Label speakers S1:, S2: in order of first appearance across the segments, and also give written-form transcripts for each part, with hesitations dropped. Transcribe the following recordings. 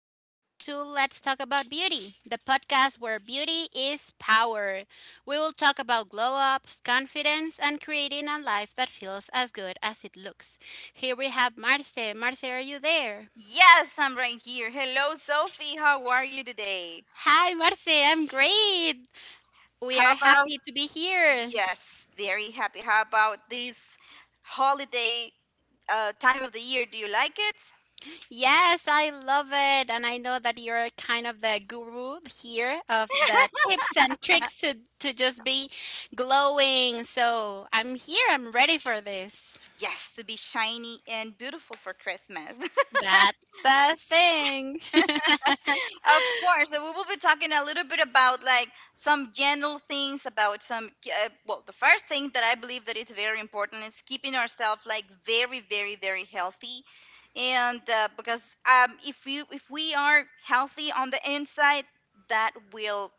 S1: welcome to Let's Talk About Beauty, the podcast where beauty is power. We will talk about glow ups, confidence, and creating a life that feels as good as it looks. Here we have Marce. Marce, are you there?
S2: Yes, I'm right here. Hello, Sophie. How are you today?
S1: Hi, Marce, I'm great. We
S2: How
S1: are
S2: about,
S1: happy to be here.
S2: yes, very happy. How about this holiday time of the year? Do you like it?
S1: Yes, I love it. And I know that you're kind of the guru here of the tips and tricks to, just be glowing. So I'm here. I'm ready for this.
S2: Yes, to be shiny and beautiful for Christmas.
S1: That's the thing.
S2: Of course, so we will be talking a little bit about like some general things about some. The first thing that I believe that is very important is keeping ourselves like very, very, very healthy, and because if we are healthy on the inside, that will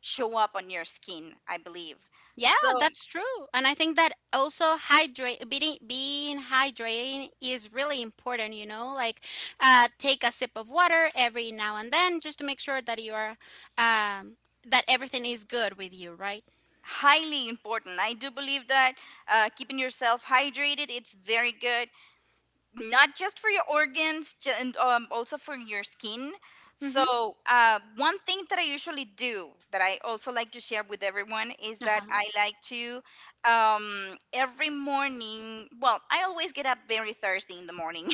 S2: show up on your skin, I believe.
S1: Yeah,
S2: So
S1: that's true. And I think that also hydrate being hydrating is really important, you know, like take a sip of water every now and then just to make sure that you are um, that everything is good with you, right?
S2: highly important. I do believe that keeping yourself hydrated it's very good, not just for your organs ju- and also for your skin, so one thing that I usually do that I also like to share with everyone is that
S1: Mm-hmm.
S2: I like to every morning well I always get up very thirsty in the morning.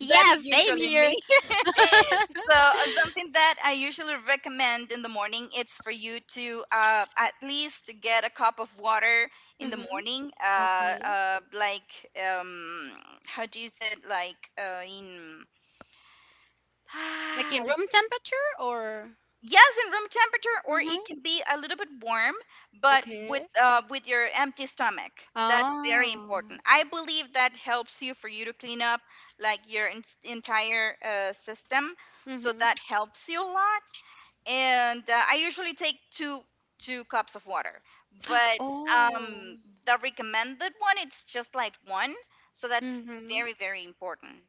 S2: That's
S1: same
S2: usually me.
S1: here.
S2: So something that I usually recommend in the morning, it's for you to at least get a cup of water in the
S1: Mm-hmm.
S2: morning.
S1: Okay.
S2: How do you say it? Like in.
S1: Like in
S2: I
S1: room temperature or?
S2: Yes, in room temperature, or
S1: Mm-hmm.
S2: it can be a little bit warm, but
S1: Okay.
S2: with your empty stomach. That's very
S1: Oh.
S2: important. I believe that helps you for you to clean up like your entire system. So
S1: Mm-hmm.
S2: that helps you a lot. And I usually take two cups of water, but
S1: Oh.
S2: um, the recommended one it's just like one. So that's
S1: Mm-hmm.
S2: very, very important.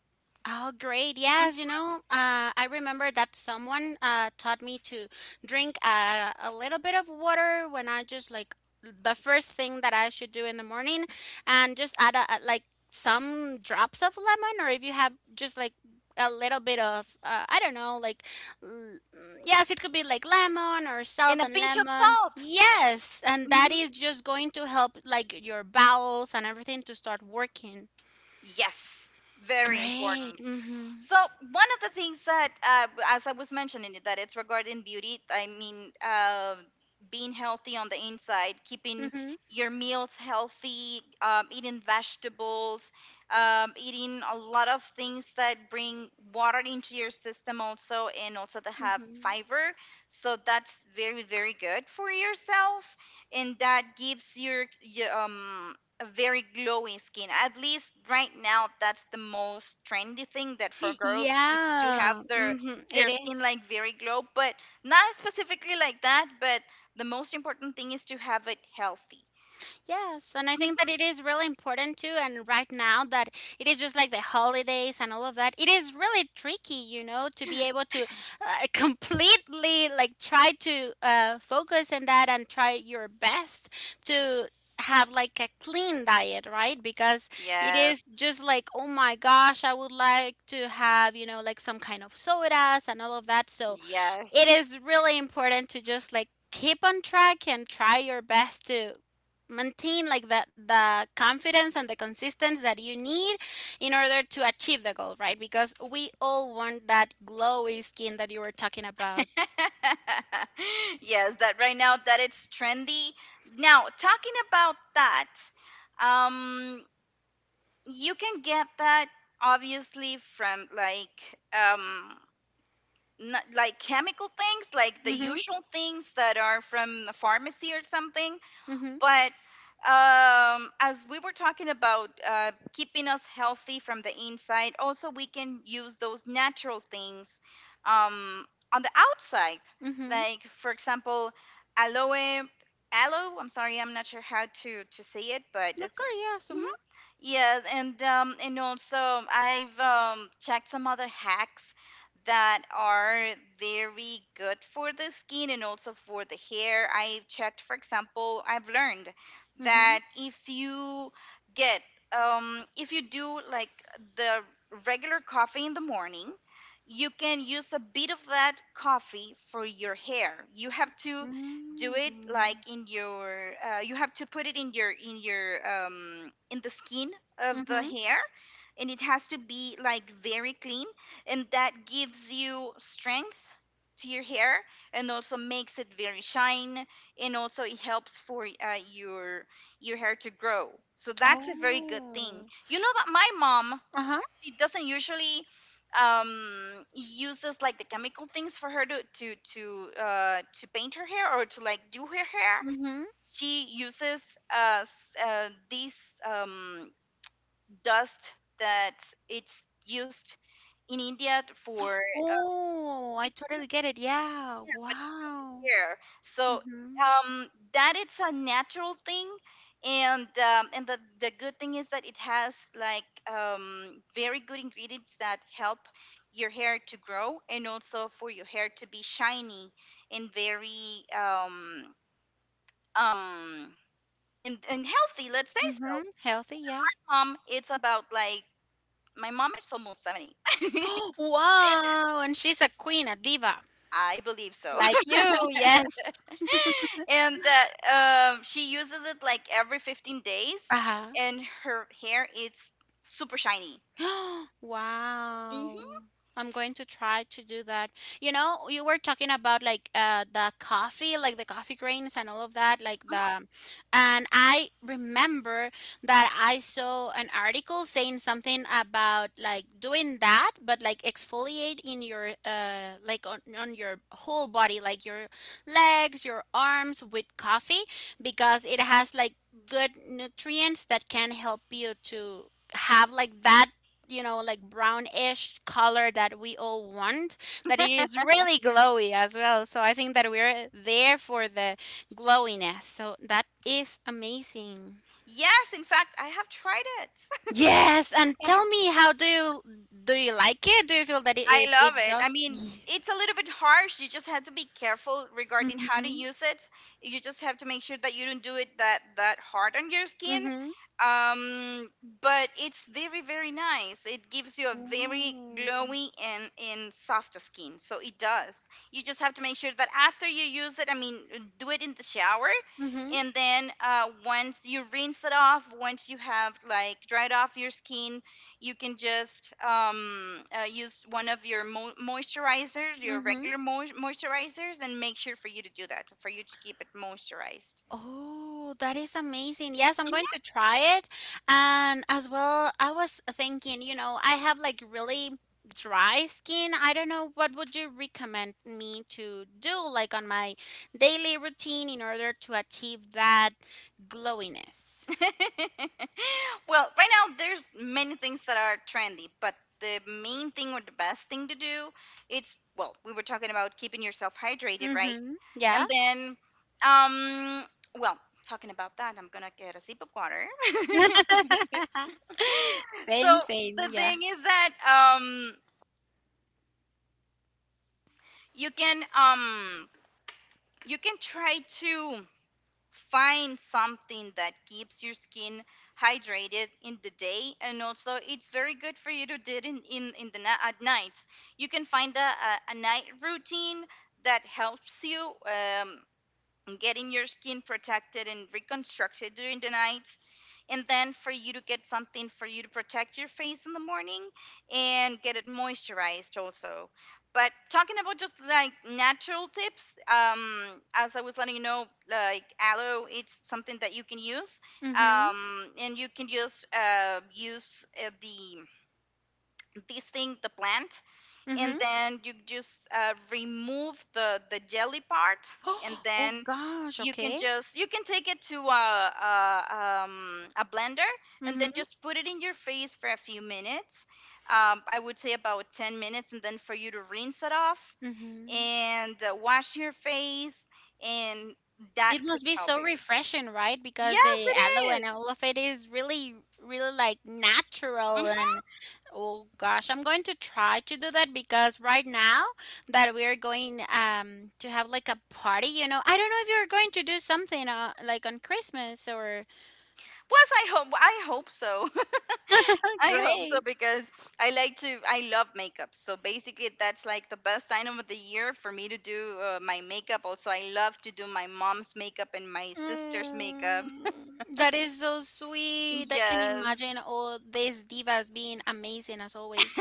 S1: Oh, great.
S2: Mm.
S1: Yes, you know, I remember that someone taught me to drink a little bit of water when I just like the first thing that I should do in the morning and just add like some drops of lemon, or if you have just like a little bit of, I don't know, like, l- yes, it could be like lemon or
S2: And
S1: salt
S2: a
S1: and
S2: pinch of
S1: lemon.
S2: salt.
S1: Yes, and that
S2: Hmm.
S1: is just going to help like your bowels and everything to start working.
S2: Yes, very
S1: Great.
S2: important.
S1: Mm-hmm.
S2: So one of the things that, as I was mentioning, that it's regarding beauty. I mean, being healthy on the inside, keeping
S1: Mm-hmm.
S2: your meals healthy, eating vegetables, eating a lot of things that bring water into your system also, and also to have
S1: Mhm.
S2: fiber. So that's very, very good for yourself, and that gives your, your a very glowing skin. At least right now, that's the most trendy thing, that for girls to have
S1: Yeah.
S2: their
S1: Mhm. It
S2: their skin
S1: is.
S2: like very glow, but not specifically like that. But the most important thing is to have it healthy. S-
S1: Yes, and I think that it is really important too. And right now, that it is just like the holidays and all of that, it is really tricky, you know, to be able to completely like try to focus on that and try your best to have like a clean diet, right? Because it
S2: Yes,
S1: is just like, oh my gosh, I would like to have, you know, like some kind of sodas and all of that. So
S2: yes,
S1: it is really important to just like keep on track and try your best to maintain like the confidence and the consistency that you need in order to achieve the goal, right? Because we all want that glowy skin that you were talking about.
S2: yes. That right now that it's trendy. Now talking about that, um, you can get that obviously from like not like chemical things, like the
S1: Mm-hmm.
S2: usual things that are from the pharmacy or something.
S1: Mm-hmm.
S2: But as we were talking about keeping us healthy from the inside, also we can use those natural things um, on the outside.
S1: Mm-hmm.
S2: Like, for example, aloe, aloe, I'm sorry, I'm not sure how to say it, but
S1: Of course.
S2: it's.
S1: Yes. Mm-hmm.
S2: Yes, and also I've checked some other hacks that are very good for the skin and also for the hair. I've checked, for example, I've learned
S1: Mm-hmm.
S2: that if you get if you do like the regular coffee in the morning, you can use a bit of that coffee for your hair. You have to do
S1: Mm-hmm.
S2: it like in your you have to put it in your in the skin of the
S1: Mm-hmm.
S2: hair, and it has to be like very clean, and that gives you strength to your hair and also makes it very shine and also it helps for your hair to grow. So that's a very good thing.
S1: Oh.
S2: You know that my mom,
S1: Uh-huh.
S2: she doesn't usually uses like the chemical things for her to to paint her hair or to like do her hair.
S1: Mm-hmm.
S2: She uses these um dust that it's used in India for uh,
S1: Oh, I
S2: painting
S1: totally get it. Yeah. Wow.
S2: care. So
S1: Mm-hmm.
S2: um, that it's a natural thing, and the good thing is that it has like very good ingredients that help your hair to grow and also for your hair to be shiny and very um and healthy. Let's say so.
S1: Mm-hmm. Healthy. Yeah.
S2: Mom, it's about like my mom is almost 70.
S1: Wow, and she's a queen, a diva,
S2: I believe so.
S1: like you, yes.
S2: And she uses it like every 15 days
S1: Uh-huh.
S2: and her hair is super shiny.
S1: Wow.
S2: Hmm.
S1: I'm going to try to do that. You know, you were talking about like the coffee, like the coffee grains and all of that, like the, and I remember that I saw an article saying something about like doing that, but like exfoliate in your like on, your whole body, like your legs, your arms with coffee because it has like good nutrients that can help you to have like that, you know, like brownish color that we all want, that it is really glowy as well. So I think that we're there for the glowiness. So that is amazing.
S2: Yes, in fact, I have tried it.
S1: Yes, and tell me how do you, do you like it? Do you feel that
S2: I love
S1: it
S2: it. I
S1: does?
S2: mean, it's a little bit harsh. You just have to be careful regarding how to
S1: Mm-hmm.
S2: use it. You just have to make sure that you don't do it that hard on your skin.
S1: Mm-hmm.
S2: Um, but it's very, very nice. It gives you a very
S1: Mm-hmm.
S2: glowy and soft skin. So it does. You just have to make sure that after you use it, I mean, do it in the shower. And then once you rinse it off, once you have like dried off your skin, you can just use one of your moisturizers, your
S1: Mm-hmm.
S2: regular moisturizers, and make sure for you to do that, for you to keep it moisturized.
S1: Oh, that is amazing. Yes, I'm going to try it. And as well, I was thinking, you know, I have like really dry skin. I don't know what would you recommend me to do like on my daily routine in order to achieve that glowiness.
S2: Mhm. Well, right now there's many things that are trendy, but the main thing or the best thing to do, it's well, we were talking about keeping yourself hydrated, right?
S1: Mhm. Yeah.
S2: And then, um, well, talking about that, I'm gonna get a sip of water. So
S1: Same.
S2: the
S1: Yeah.
S2: thing is that you can um you can try to find something that keeps your skin hydrated in the day, and also it's very good for you to do it in in the at night. You can find a night routine that helps you and getting your skin protected and reconstructed during the night, and then for you to get something for you to protect your face in the morning and get it moisturized also. But talking about just like natural tips, as I was letting you know, like aloe, it's something that you can use,
S1: Mhm.
S2: and you can just use the this thing, the plant, and
S1: Mhm.
S2: then you just remove the jelly part, and
S1: Oh
S2: then
S1: gosh,
S2: you can
S1: okay.
S2: just you can take it to a blender and then
S1: Mhm.
S2: just put it in your face for a few minutes. I would say about 10 minutes, and then for you to rinse that off
S1: Mhm.
S2: and wash your face, and that
S1: It
S2: could
S1: must be
S2: help
S1: so
S2: you.
S1: refreshing, right? Because
S2: Yes,
S1: the aloe
S2: it
S1: and
S2: is.
S1: all of it is really, like natural. And oh gosh, I'm going to try to do that because right now that we are going to have like a party, you know, I don't know if you're going to do something like on Christmas or.
S2: Was I hope, I hope so. I hope so,
S1: Great.
S2: because I like to, I love makeup. So basically that's like the best time of the year for me to do my makeup. Also I love to do my mom's makeup and my sister's makeup.
S1: Mm, that is so sweet. I can
S2: Yes.
S1: imagine all these divas being amazing as always.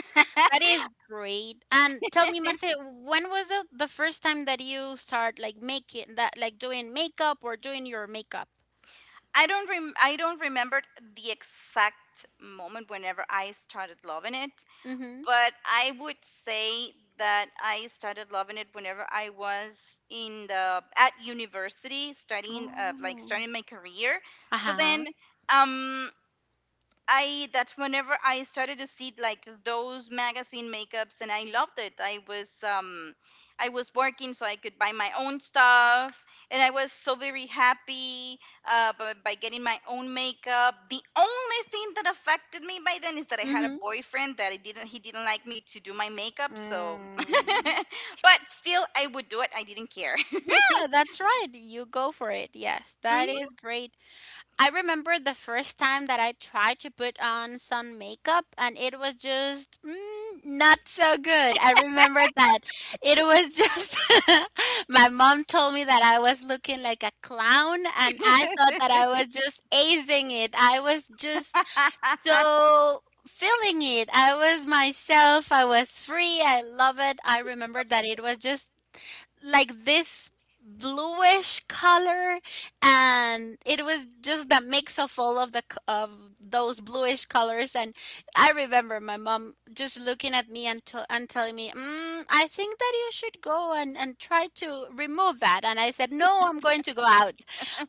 S1: That is great. And tell me, Marce, when was it the first time that you start like making that, like doing makeup or doing your makeup?
S2: I don't remember the exact moment whenever I started loving it,
S1: Mm-hmm.
S2: but I would say that I started loving it whenever I was in the at university studying like
S1: Oh.
S2: starting my career. So
S1: Uh-huh.
S2: then um I that whenever I started to see like those magazine makeups, and I loved it. I was working so I could buy my own stuff, and I was so very happy by getting my own makeup. The only thing that affected me by then is that I had a
S1: Mm-hmm.
S2: boyfriend that I didn't he didn't like me to do my makeup, so
S1: Mm.
S2: but still I would do it. I didn't care.
S1: Yeah, that's right. You go for it. Yes, that
S2: Mhm.
S1: is great. I remember the first time that I tried to put on some makeup and it was just not so good. I remember that it was just my mom told me that I was looking like a clown and I thought that I was just acing it. I was just so feeling it. I was myself. I was free. I love it. I remember that it was just like this bluish color and it was just the mix of all of of those bluish colors, and I remember my mom just looking at me and, and telling me, I think that you should go and, try to remove that, and I said no, I'm going to go out.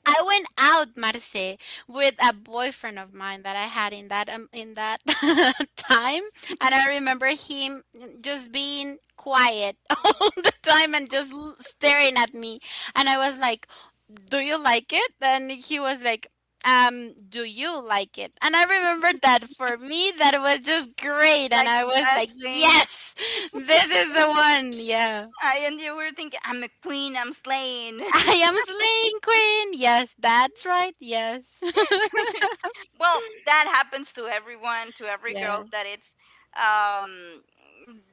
S1: I went out, Marce, with a boyfriend of mine that I had in that time, and I remember him just being quiet all the time and just staring at me. And I was like, "Do you like it?" And he was like, Do you like it?" And I remembered that for me, that was just great. And
S2: Like
S1: I
S2: the
S1: was
S2: best
S1: like,
S2: thing.
S1: yes, this is the one. Yeah.
S2: I, and you were thinking, I'm a queen, I'm slaying.
S1: I am slaying queen. Yes, that's right. Yes.
S2: Well, that happens to everyone, to every girl
S1: Yes.
S2: that it's um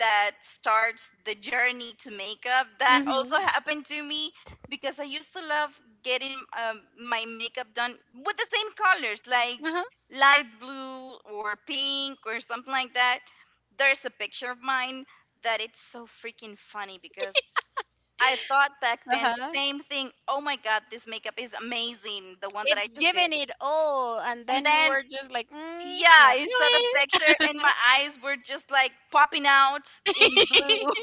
S2: that starts the journey to makeup. That also
S1: Mm-hmm.
S2: happened to me, because I used to love getting my makeup done with the same colors like
S1: Uh-huh.
S2: light blue or pink or something like that. There's a picture of mine that it's so freaking funny, because I thought back then
S1: Uh-huh.
S2: the same thing, oh my god, this makeup is amazing, the one that I
S1: It's
S2: just did.
S1: giving it all. And
S2: And
S1: then you
S2: then
S1: were just like,
S2: yeah,
S1: not
S2: I saw the
S1: really.
S2: picture and my eyes were just like popping out in blue.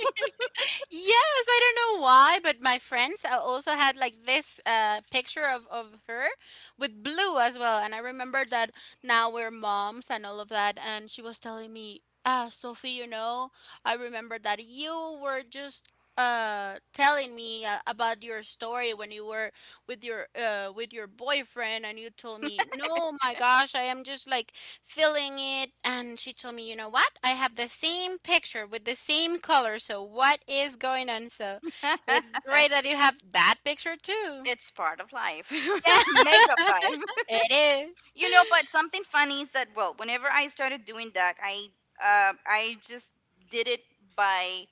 S1: Yes, I don't know why, but my friends also had like this picture of, her with blue as well. And I remember that now we're moms and all of that. And she was telling me, ah, Sophie, you know, I remember that you were just telling me about your story when you were with your boyfriend, and you told me no, my gosh, I am just like filling it, and she told me, you know what, I have the same picture with the same color, so what is going on? So it's great that you have that picture too.
S2: It's part of life,
S1: Yeah.
S2: makeup life.
S1: It is.
S2: You know, but something funny is that well, whenever I started doing that, I just did it by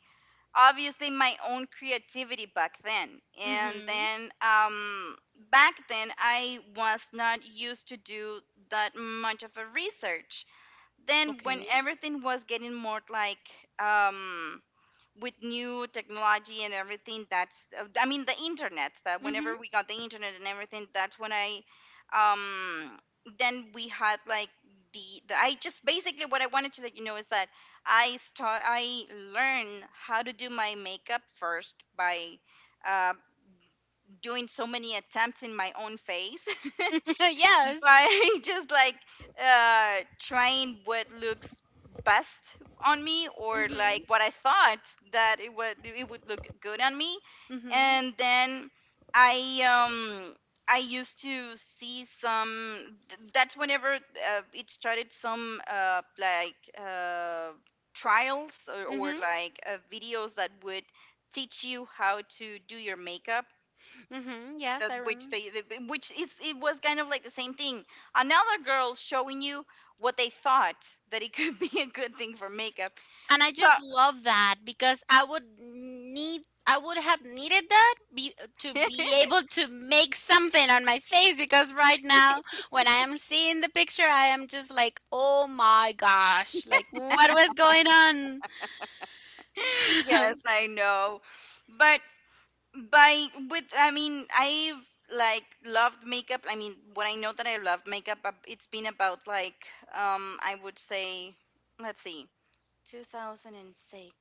S2: obviously my own creativity back then, and
S1: Mm-hmm.
S2: then back then I was not used to do that much of a research. Then when
S1: Okay.
S2: everything was getting more like um with new technology and everything, that's I mean the internet, that
S1: Mm-hmm.
S2: whenever we got the internet and everything, that's when I um then we had like the I just basically what I wanted to let you know is that I learn how to do my makeup first by uh, doing so many attempts in my own face
S1: Yes.
S2: by just like trying what looks best on me or like
S1: Mm-hmm.
S2: what I thought that it would look good on me.
S1: Mm-hmm.
S2: And then I used to see some that's whenever it started some like trials, or
S1: Mm-hmm.
S2: like videos that would teach you how to do your makeup,
S1: Mm-hmm. Yes,
S2: that
S1: I
S2: which
S1: remember.
S2: they which is it was kind of like the same thing, another girl showing you what they thought that it could be a good thing for makeup,
S1: And I
S2: so
S1: just love that because I would have needed that to be able to make something on my face because right now when I am seeing the picture I am just like, oh my gosh, like what was going on.
S2: yes, I know, but by with I mean, I've like loved makeup, I mean, what I know that I love makeup, it's been about like I would say, let's see, 2006.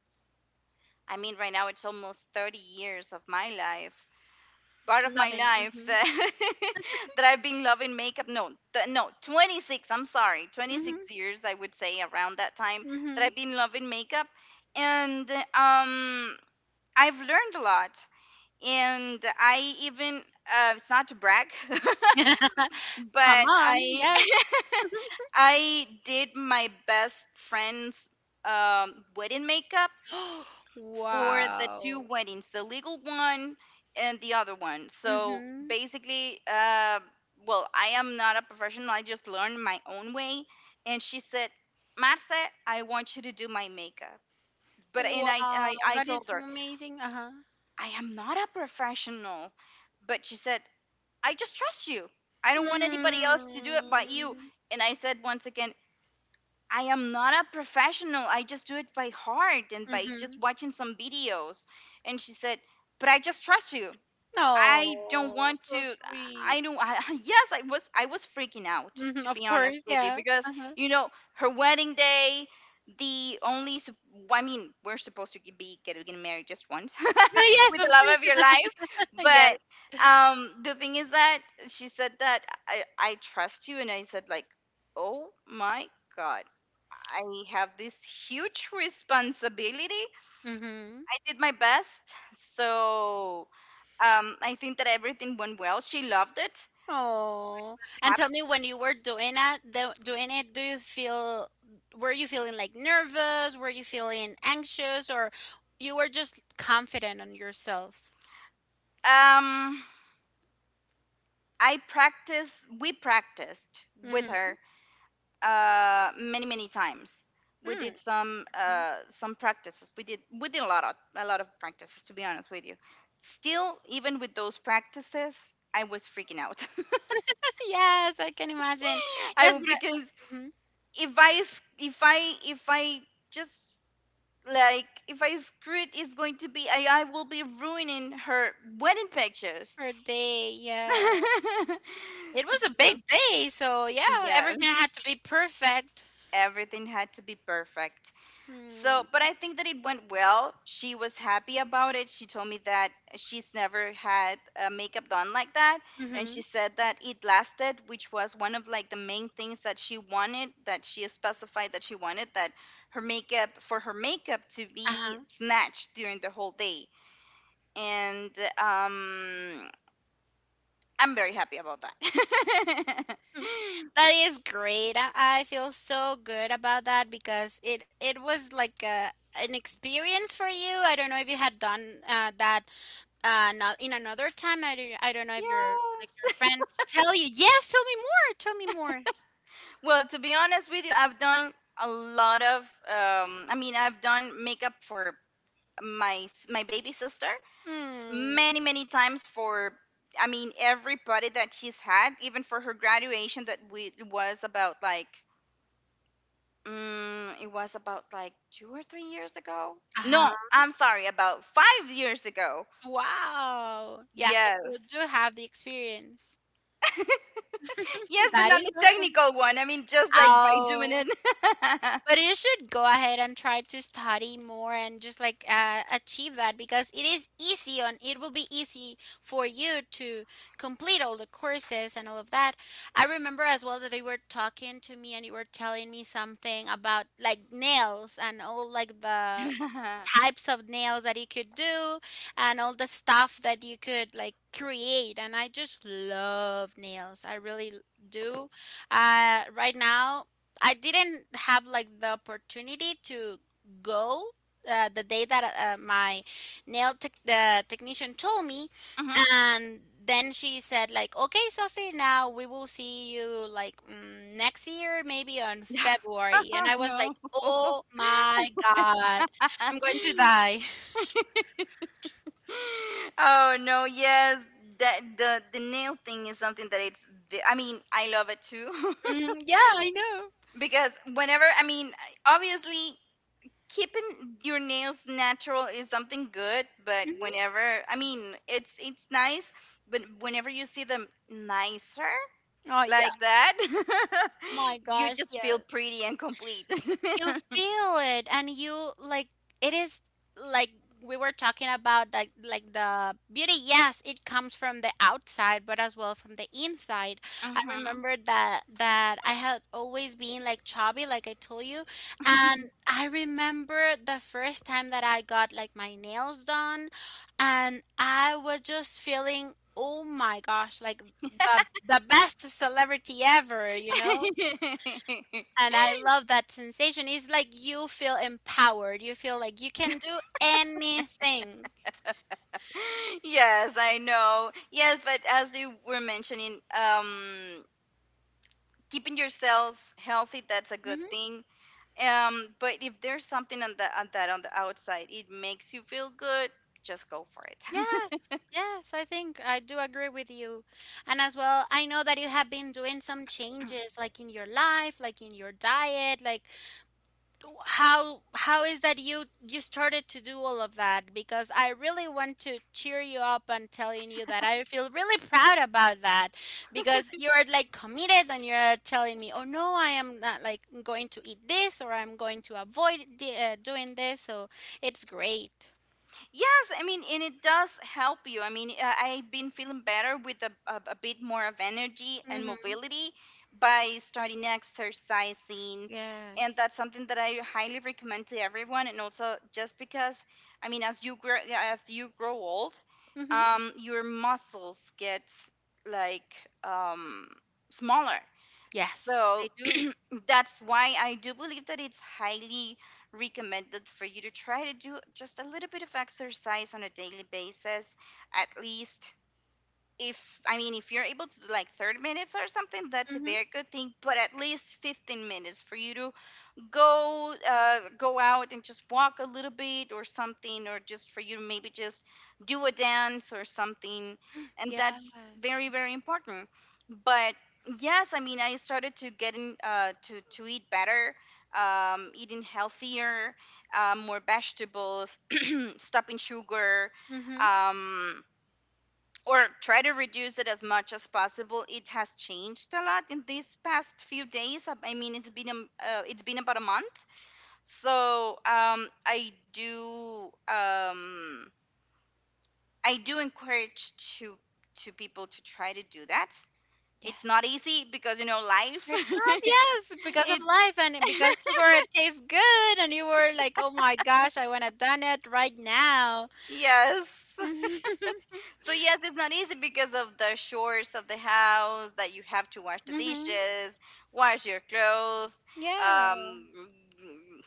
S2: I mean right now it's almost 30 years of my life, part of my
S1: Loving.
S2: life,
S1: Mhm.
S2: that, that I've been loving makeup. No, no, 26. I'm sorry,
S1: Mhm.
S2: 26 years. I would say around that time that
S1: Mhm.
S2: I've been loving makeup, and I've learned a lot. And I even, it's not to brag,
S1: Come
S2: but
S1: on.
S2: I
S1: Yes.
S2: I did my best friend's wedding makeup for the two
S1: Wow.
S2: weddings, the legal one and the other one. So
S1: Mhm.
S2: basically, well, I am not a professional. I just learned my own way. And she said, Marce, I want you to do my makeup. But and I,
S1: Wow,
S2: I, I
S1: that is
S2: told
S1: so
S2: her,
S1: amazing. Uh-huh.
S2: I am not a professional. But she said, I just trust you. I don't want anybody else to do it but you.
S1: Mm-hmm.
S2: And I said once again, I am not a professional. I just do it by heart and by just
S1: Mm-hmm.
S2: watching some videos. And she said, But I just trust you. I don't
S1: Oh,
S2: want
S1: so
S2: to.
S1: sweet.
S2: I don't. I, yes, I was. I was freaking out,
S1: Mhm,
S2: to
S1: of
S2: be honest
S1: course,
S2: with you,
S1: yeah.
S2: because
S1: Uh-huh.
S2: you know her wedding day. The only, well, I mean, we're supposed to be getting married just once
S1: Yeah. Yes,
S2: with the
S1: of
S2: love of your
S1: course.
S2: life,
S1: Yes.
S2: but the thing is that she said that I trust you, and I said like, oh my god, I have this huge responsibility.
S1: Mm-hmm.
S2: I did my best. So I think that everything went well. She loved it.
S1: Oh, and
S2: Hap-
S1: tell me when you were doing that, doing it, do you feel, were you feeling like nervous? Were you feeling anxious, or you were just confident on yourself?
S2: Um, I practiced, we practiced with
S1: Mm-hmm.
S2: her many, many times. We
S1: Mm.
S2: did some practices. We did a lot of practices. To be honest with you, still even with those practices, I was freaking out.
S1: Yes, I can imagine. Yes, but
S2: Because
S1: mhm,
S2: if I s- if I just like if I screw it, it's going to be I will be ruining her wedding pictures.
S1: her day, yeah. It was a
S2: So
S1: big day, so yeah, everything
S2: yes,
S1: had to be perfect.
S2: everything had to be perfect. So,
S1: Hmm.
S2: but I think that it went well. She was happy about it. She told me that she's never had makeup done like that, and
S1: Mm-hmm.
S2: she said that it lasted, which was one of like the main things that she wanted. That she specified that she wanted, that her makeup for her makeup to be
S1: Uh-huh.
S2: snatched during the whole day, and um, I'm very happy about that.
S1: That is great. I feel so good about that because it was like a an experience for you. I don't know if you had done that not in another time. I don't know if your like your
S2: Yes.
S1: friends tell you. Yes, tell me more. Tell me more.
S2: Well, to be honest with you, I've done a lot of. I mean, I've done makeup for my baby sister
S1: Hmm.
S2: many, many times for. I mean, every party that she's had, even for her graduation, that we it was about like. It was about like 2 or 3 years ago.
S1: Uh-huh.
S2: No, I'm sorry, about 5 years ago.
S1: Wow. Yeah, so you
S2: Yes.
S1: do have the experience.
S2: Yes, but
S1: That
S2: not
S1: is
S2: the
S1: awesome.
S2: technical one. I mean, just like by doing
S1: Oh.
S2: it.
S1: But you should go ahead and try to study more and just like achieve that because it is easy on. It will be easy for you to complete all the courses and all of that. I remember as well that you were talking to me and you were telling me something about like nails and all like the types of nails that you could do and all the stuff that you could like create, and I just love nails. I really do. Right now I didn't have like the opportunity to go the day that my nail tech, the technician told me,
S2: Mhm.
S1: and then she said like, "Okay, Sophie, now we will see you like next year, maybe on February." And I was like,
S2: No.
S1: "Oh my God, I'm going to die."
S2: Oh no. Yes, that the nail thing is something that it's. The, I mean, I love it too
S1: Mm, yeah, I know.
S2: because whenever, I mean, obviously keeping your nails natural is something good, but
S1: Hmm.
S2: whenever, I mean, it's nice, but whenever you see them nicer.
S1: Oh yeah,
S2: Like that,
S1: my
S2: you
S1: gosh,
S2: just feel
S1: yes.
S2: pretty and complete.
S1: You feel it and you like it, is like we were talking about like the beauty. Yes, it comes from the outside but as well from the inside. I
S2: Mhm.
S1: remember that I had always been like chubby, like I told you, and I remember the first time that I got like my nails done, and I was just feeling, oh my gosh, like the best celebrity ever, you know, and I love that sensation. It's like you feel empowered. You feel like you can do anything.
S2: Yes, I know. Yes, but as you were mentioning, keeping yourself healthy, that's a good
S1: Hmm.
S2: thing. But if there's something on the on that on the outside, it makes you feel good, just go for it.
S1: Yes, yes, I think I do agree with you. And as well, I know that you have been doing some changes, like in your life, like in your diet, like how is that you started to do all of that because I really want to cheer you up and telling you that I feel really proud about that because you are like committed and you're telling me, "Oh no, I am not like going to eat this or I'm going to avoid the, doing this." So it's great.
S2: Yes, I mean, and it does help you. I mean, I've been feeling better with a bit more of energy and
S1: Mm-hmm.
S2: mobility by starting exercising. And
S1: Yes.
S2: that's something that I highly recommend to everyone. And also, just because, I mean, as you grow old,
S1: Mm-hmm.
S2: your muscles get like um, smaller.
S1: Yes,
S2: So
S1: they do.
S2: that's why I do believe that it's highly recommended for you to try to do just a little bit of exercise on a daily basis, at least. If I mean, if you're able to do like 30 minutes or something, that's a very
S1: Mm-hmm.
S2: good thing, but at least 15 minutes for you to go out and just walk a little bit or something, or just for you to maybe just do a dance or something. And
S1: Yes.
S2: that's very, very important. But yes, I mean I started to getting to eat better, eating healthier, more vegetables, stopping sugar,
S1: Mm-hmm.
S2: um, or try to reduce it as much as possible. It has changed a lot in these past few days. I mean, it's been about a month. So I do encourage to to people to try to do that. It's
S1: Yes.
S2: not easy because you know life.
S1: It's not, yes, because of
S2: it
S1: life and because sugar it tastes good and you were like, "Oh my gosh, I wanna done it right now."
S2: yes. So yes, it's not easy because of the chores of the house, that you have to wash the
S1: Hmm.
S2: dishes, wash your clothes,
S1: Yeah.
S2: um,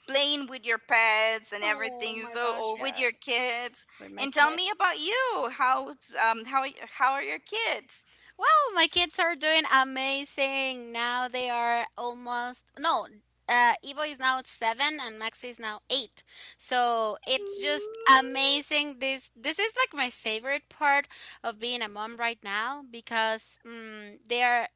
S2: playing with your pets and
S1: Oh
S2: everything.
S1: my
S2: So,
S1: gosh,
S2: or with
S1: yeah.
S2: your kids.
S1: With my
S2: And tell
S1: kid.
S2: me about you. Um how how are your kids?
S1: Well, my kids are doing amazing. Now they are almost, no, Evo is now 7 and Max is now 8. So it's just
S2: Mm,
S1: amazing. This is like my favorite part of being a mom right now because they are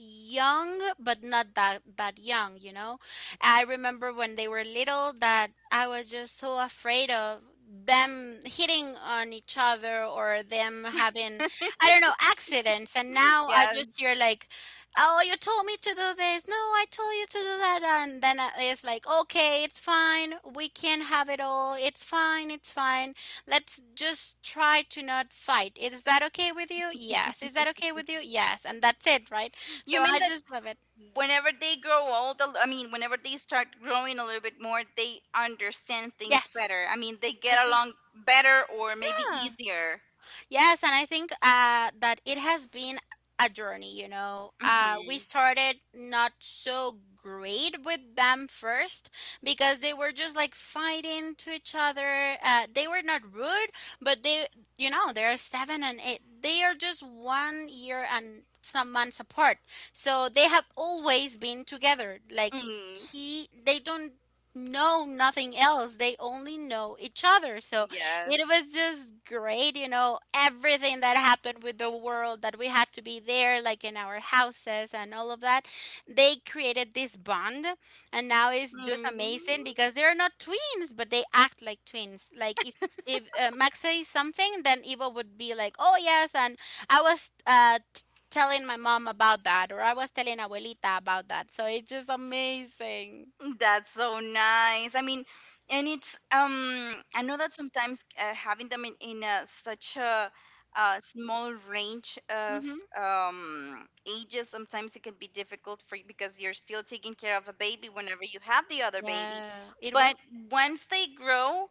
S1: young but not that young. I remember when they were little that I was just so afraid of them hitting on each other or them having, I don't know, accidents. And now I
S2: yeah.
S1: just hear like, "Oh, you told me to do this." "No, I told you to do that." And then it's like, "Okay, it's fine, we can have it all, it's fine, it's fine, let's just try to not fight, is that okay with you?" "Yes." "Is that okay with you?" "Yes." And that's it, right? So
S2: You mean
S1: I
S2: that
S1: just love it.
S2: whenever they grow old, I mean, whenever they start growing a little bit more, they understand things
S1: Yes,
S2: better. I mean, they
S1: I
S2: get
S1: do.
S2: along better or maybe
S1: Yeah.
S2: easier.
S1: Yes, and I think that it has been a journey.
S2: Mm-hmm.
S1: We started not so great with them first because they were just like fighting to each other. They were not rude, but they are 7 and 8. They are just 1 year and some months apart. So they have always been together. Like,
S2: Mm,
S1: they don't know nothing else. They only know each other. So it
S2: yes.
S1: was just great, everything that happened with the world that we had to be there, like in our houses and all of that. They created this bond, and now it's just amazing
S2: Mm,
S1: because they're not twins, but they act like twins. Like, if Max says something, then Eva would be like, "Oh yes," and I was telling my mom about that, or I was telling Abuelita about that. So it's just amazing.
S2: that's so nice. I mean, and it's I know that sometimes, having them in a, such a, small range of
S1: Hmm.
S2: ages, sometimes it can be difficult for you because you're still taking care of a baby whenever you have the other baby.
S1: Yeah, it was.
S2: But once they grow,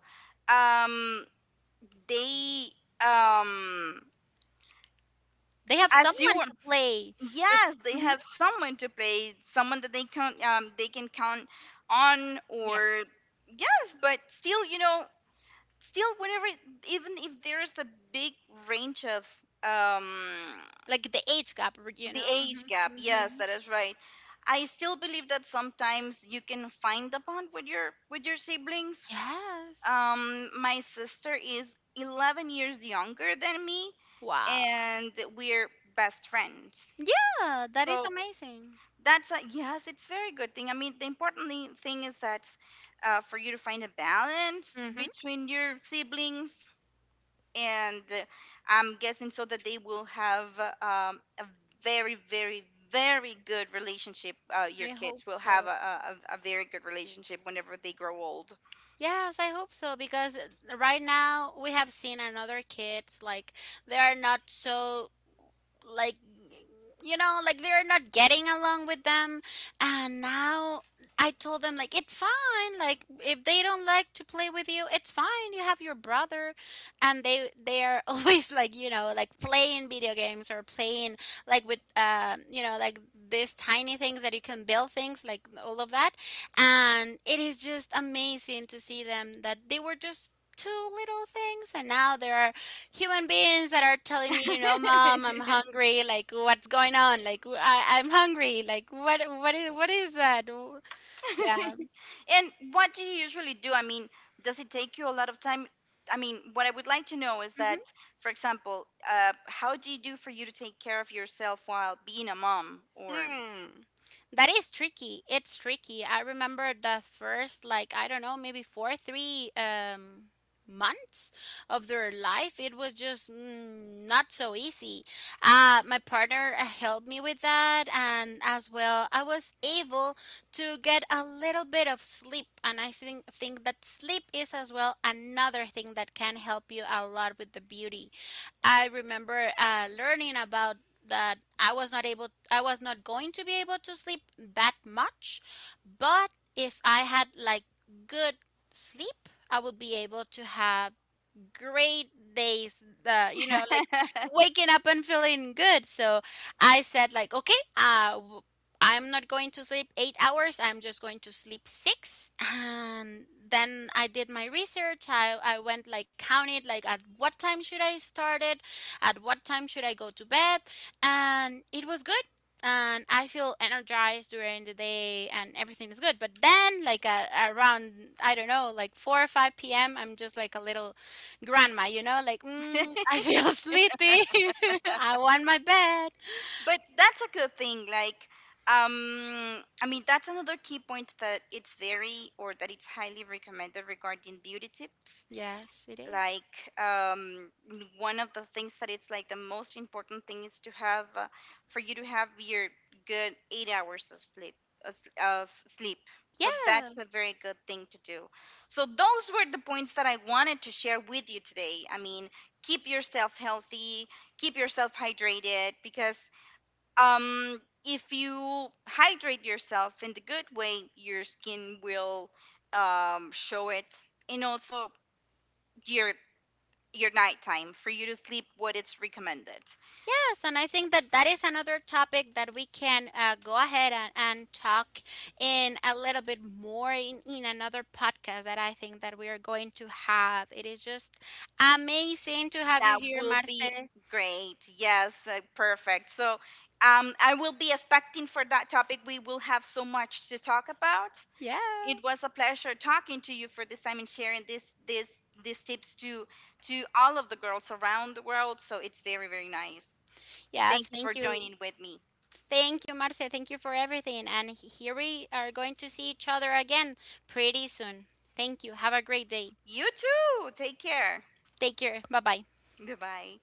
S2: um they, um
S1: They have
S2: as
S1: someone
S2: you,
S1: to play with.
S2: yes, they
S1: Mm-hmm.
S2: have someone to play, someone that they can they can count on.
S1: Yes.
S2: Or yes, but still, you know, still whenever, even if there is a big range of um
S1: Like the age gap, you
S2: the
S1: know?
S2: age gap,
S1: Hmm.
S2: yes,
S1: Hmm.
S2: that is right, I still believe that sometimes you can find a bond with your siblings.
S1: Yes.
S2: My sister is 11 years younger than me,
S1: Wow.
S2: and we're best friends.
S1: Yeah, that is
S2: So
S1: amazing.
S2: that's yes, it's very good thing. I mean, the important thing is that, for you to find a balance
S1: Hmm.
S2: between your siblings, and I'm guessing so that they will have a very, very, very good relationship.
S1: I
S2: Your
S1: hope
S2: kids will have a,
S1: so.
S2: a, a a very good relationship whenever they grow old.
S1: Yes, I hope so because right now we have seen another kids like they are not so like like they're not getting along with them. And now I told them like, "It's fine, like if they don't like to play with you, it's fine, you have your brother." And they are always like like playing video games or playing like with like these tiny things that you can build things like all of that. And it is just amazing to see them that they were just two little things and now they are human beings that are telling me, "Mom, I'm hungry." Like, what's going on? Like, I am hungry. Like, what is that? Yeah.
S2: And what do you usually do? I mean, does it take you a lot of time? I mean, what I would like to know is
S1: Mm-hmm.
S2: that, for example, how do you do for you to take care of yourself while being a mom? Or,
S1: Mm. That is tricky. It's tricky. I remember the first, like, I don't know, maybe 4, 3 months of their life. It was just not so easy. My partner helped me with that. And as well, I was able to get a little bit of sleep. And I think that sleep is as well another thing that can help you a lot with the beauty. I remember learning about that I was not able, I was not going to be able to sleep that much, but if I had like good sleep, I would be able to have great days
S2: but
S1: like
S2: that's
S1: waking up and feeling good. So I said like, "Okay, I'm not going to sleep 8 hours, I'm just going to sleep six." And then I did my research. I went like counted like at what time should I start it, at what time should I go to bed. And it was good and I feel energized during the day and everything is good. But then, like around, I don't know, like 4 or 5 p.m., I'm just like a little grandma, like, I feel sleepy. I want my bed.
S2: a good thing. Like, I mean, that's another key point that it's very or that it's highly recommended regarding beauty tips.
S1: Yes, it is.
S2: Like one of the things that it's like the most important thing is to have for you to have your good 8 hours of sleep. So that's
S1: Yeah.
S2: a very good thing to do. So those were the points that I wanted to share with you today. I mean, keep yourself healthy, keep yourself hydrated, because if you hydrate yourself in the good way, your skin will show it. And also your your nighttime for you to sleep what it's recommended.
S1: Yes, and I think that that is another topic that we can go ahead and talk in a little bit more in another podcast that I think that we are going to have. It is just amazing to have you
S2: That
S1: here,
S2: will
S1: Marce.
S2: be great. Yes, perfect. So I will be expecting for that topic. We will have so much to talk about.
S1: Yeah.
S2: It was a pleasure talking to you for this time and sharing this this these tips to all of the girls around the world. So it's very, very nice.
S1: Yes,
S2: Thank you for
S1: thank you.
S2: joining with me.
S1: Thank you, Marce. Thank you for everything. And here we are going to see each other again pretty soon. Thank you. Have a great day.
S2: You too. Take care.
S1: Take care. Bye bye.
S2: Goodbye.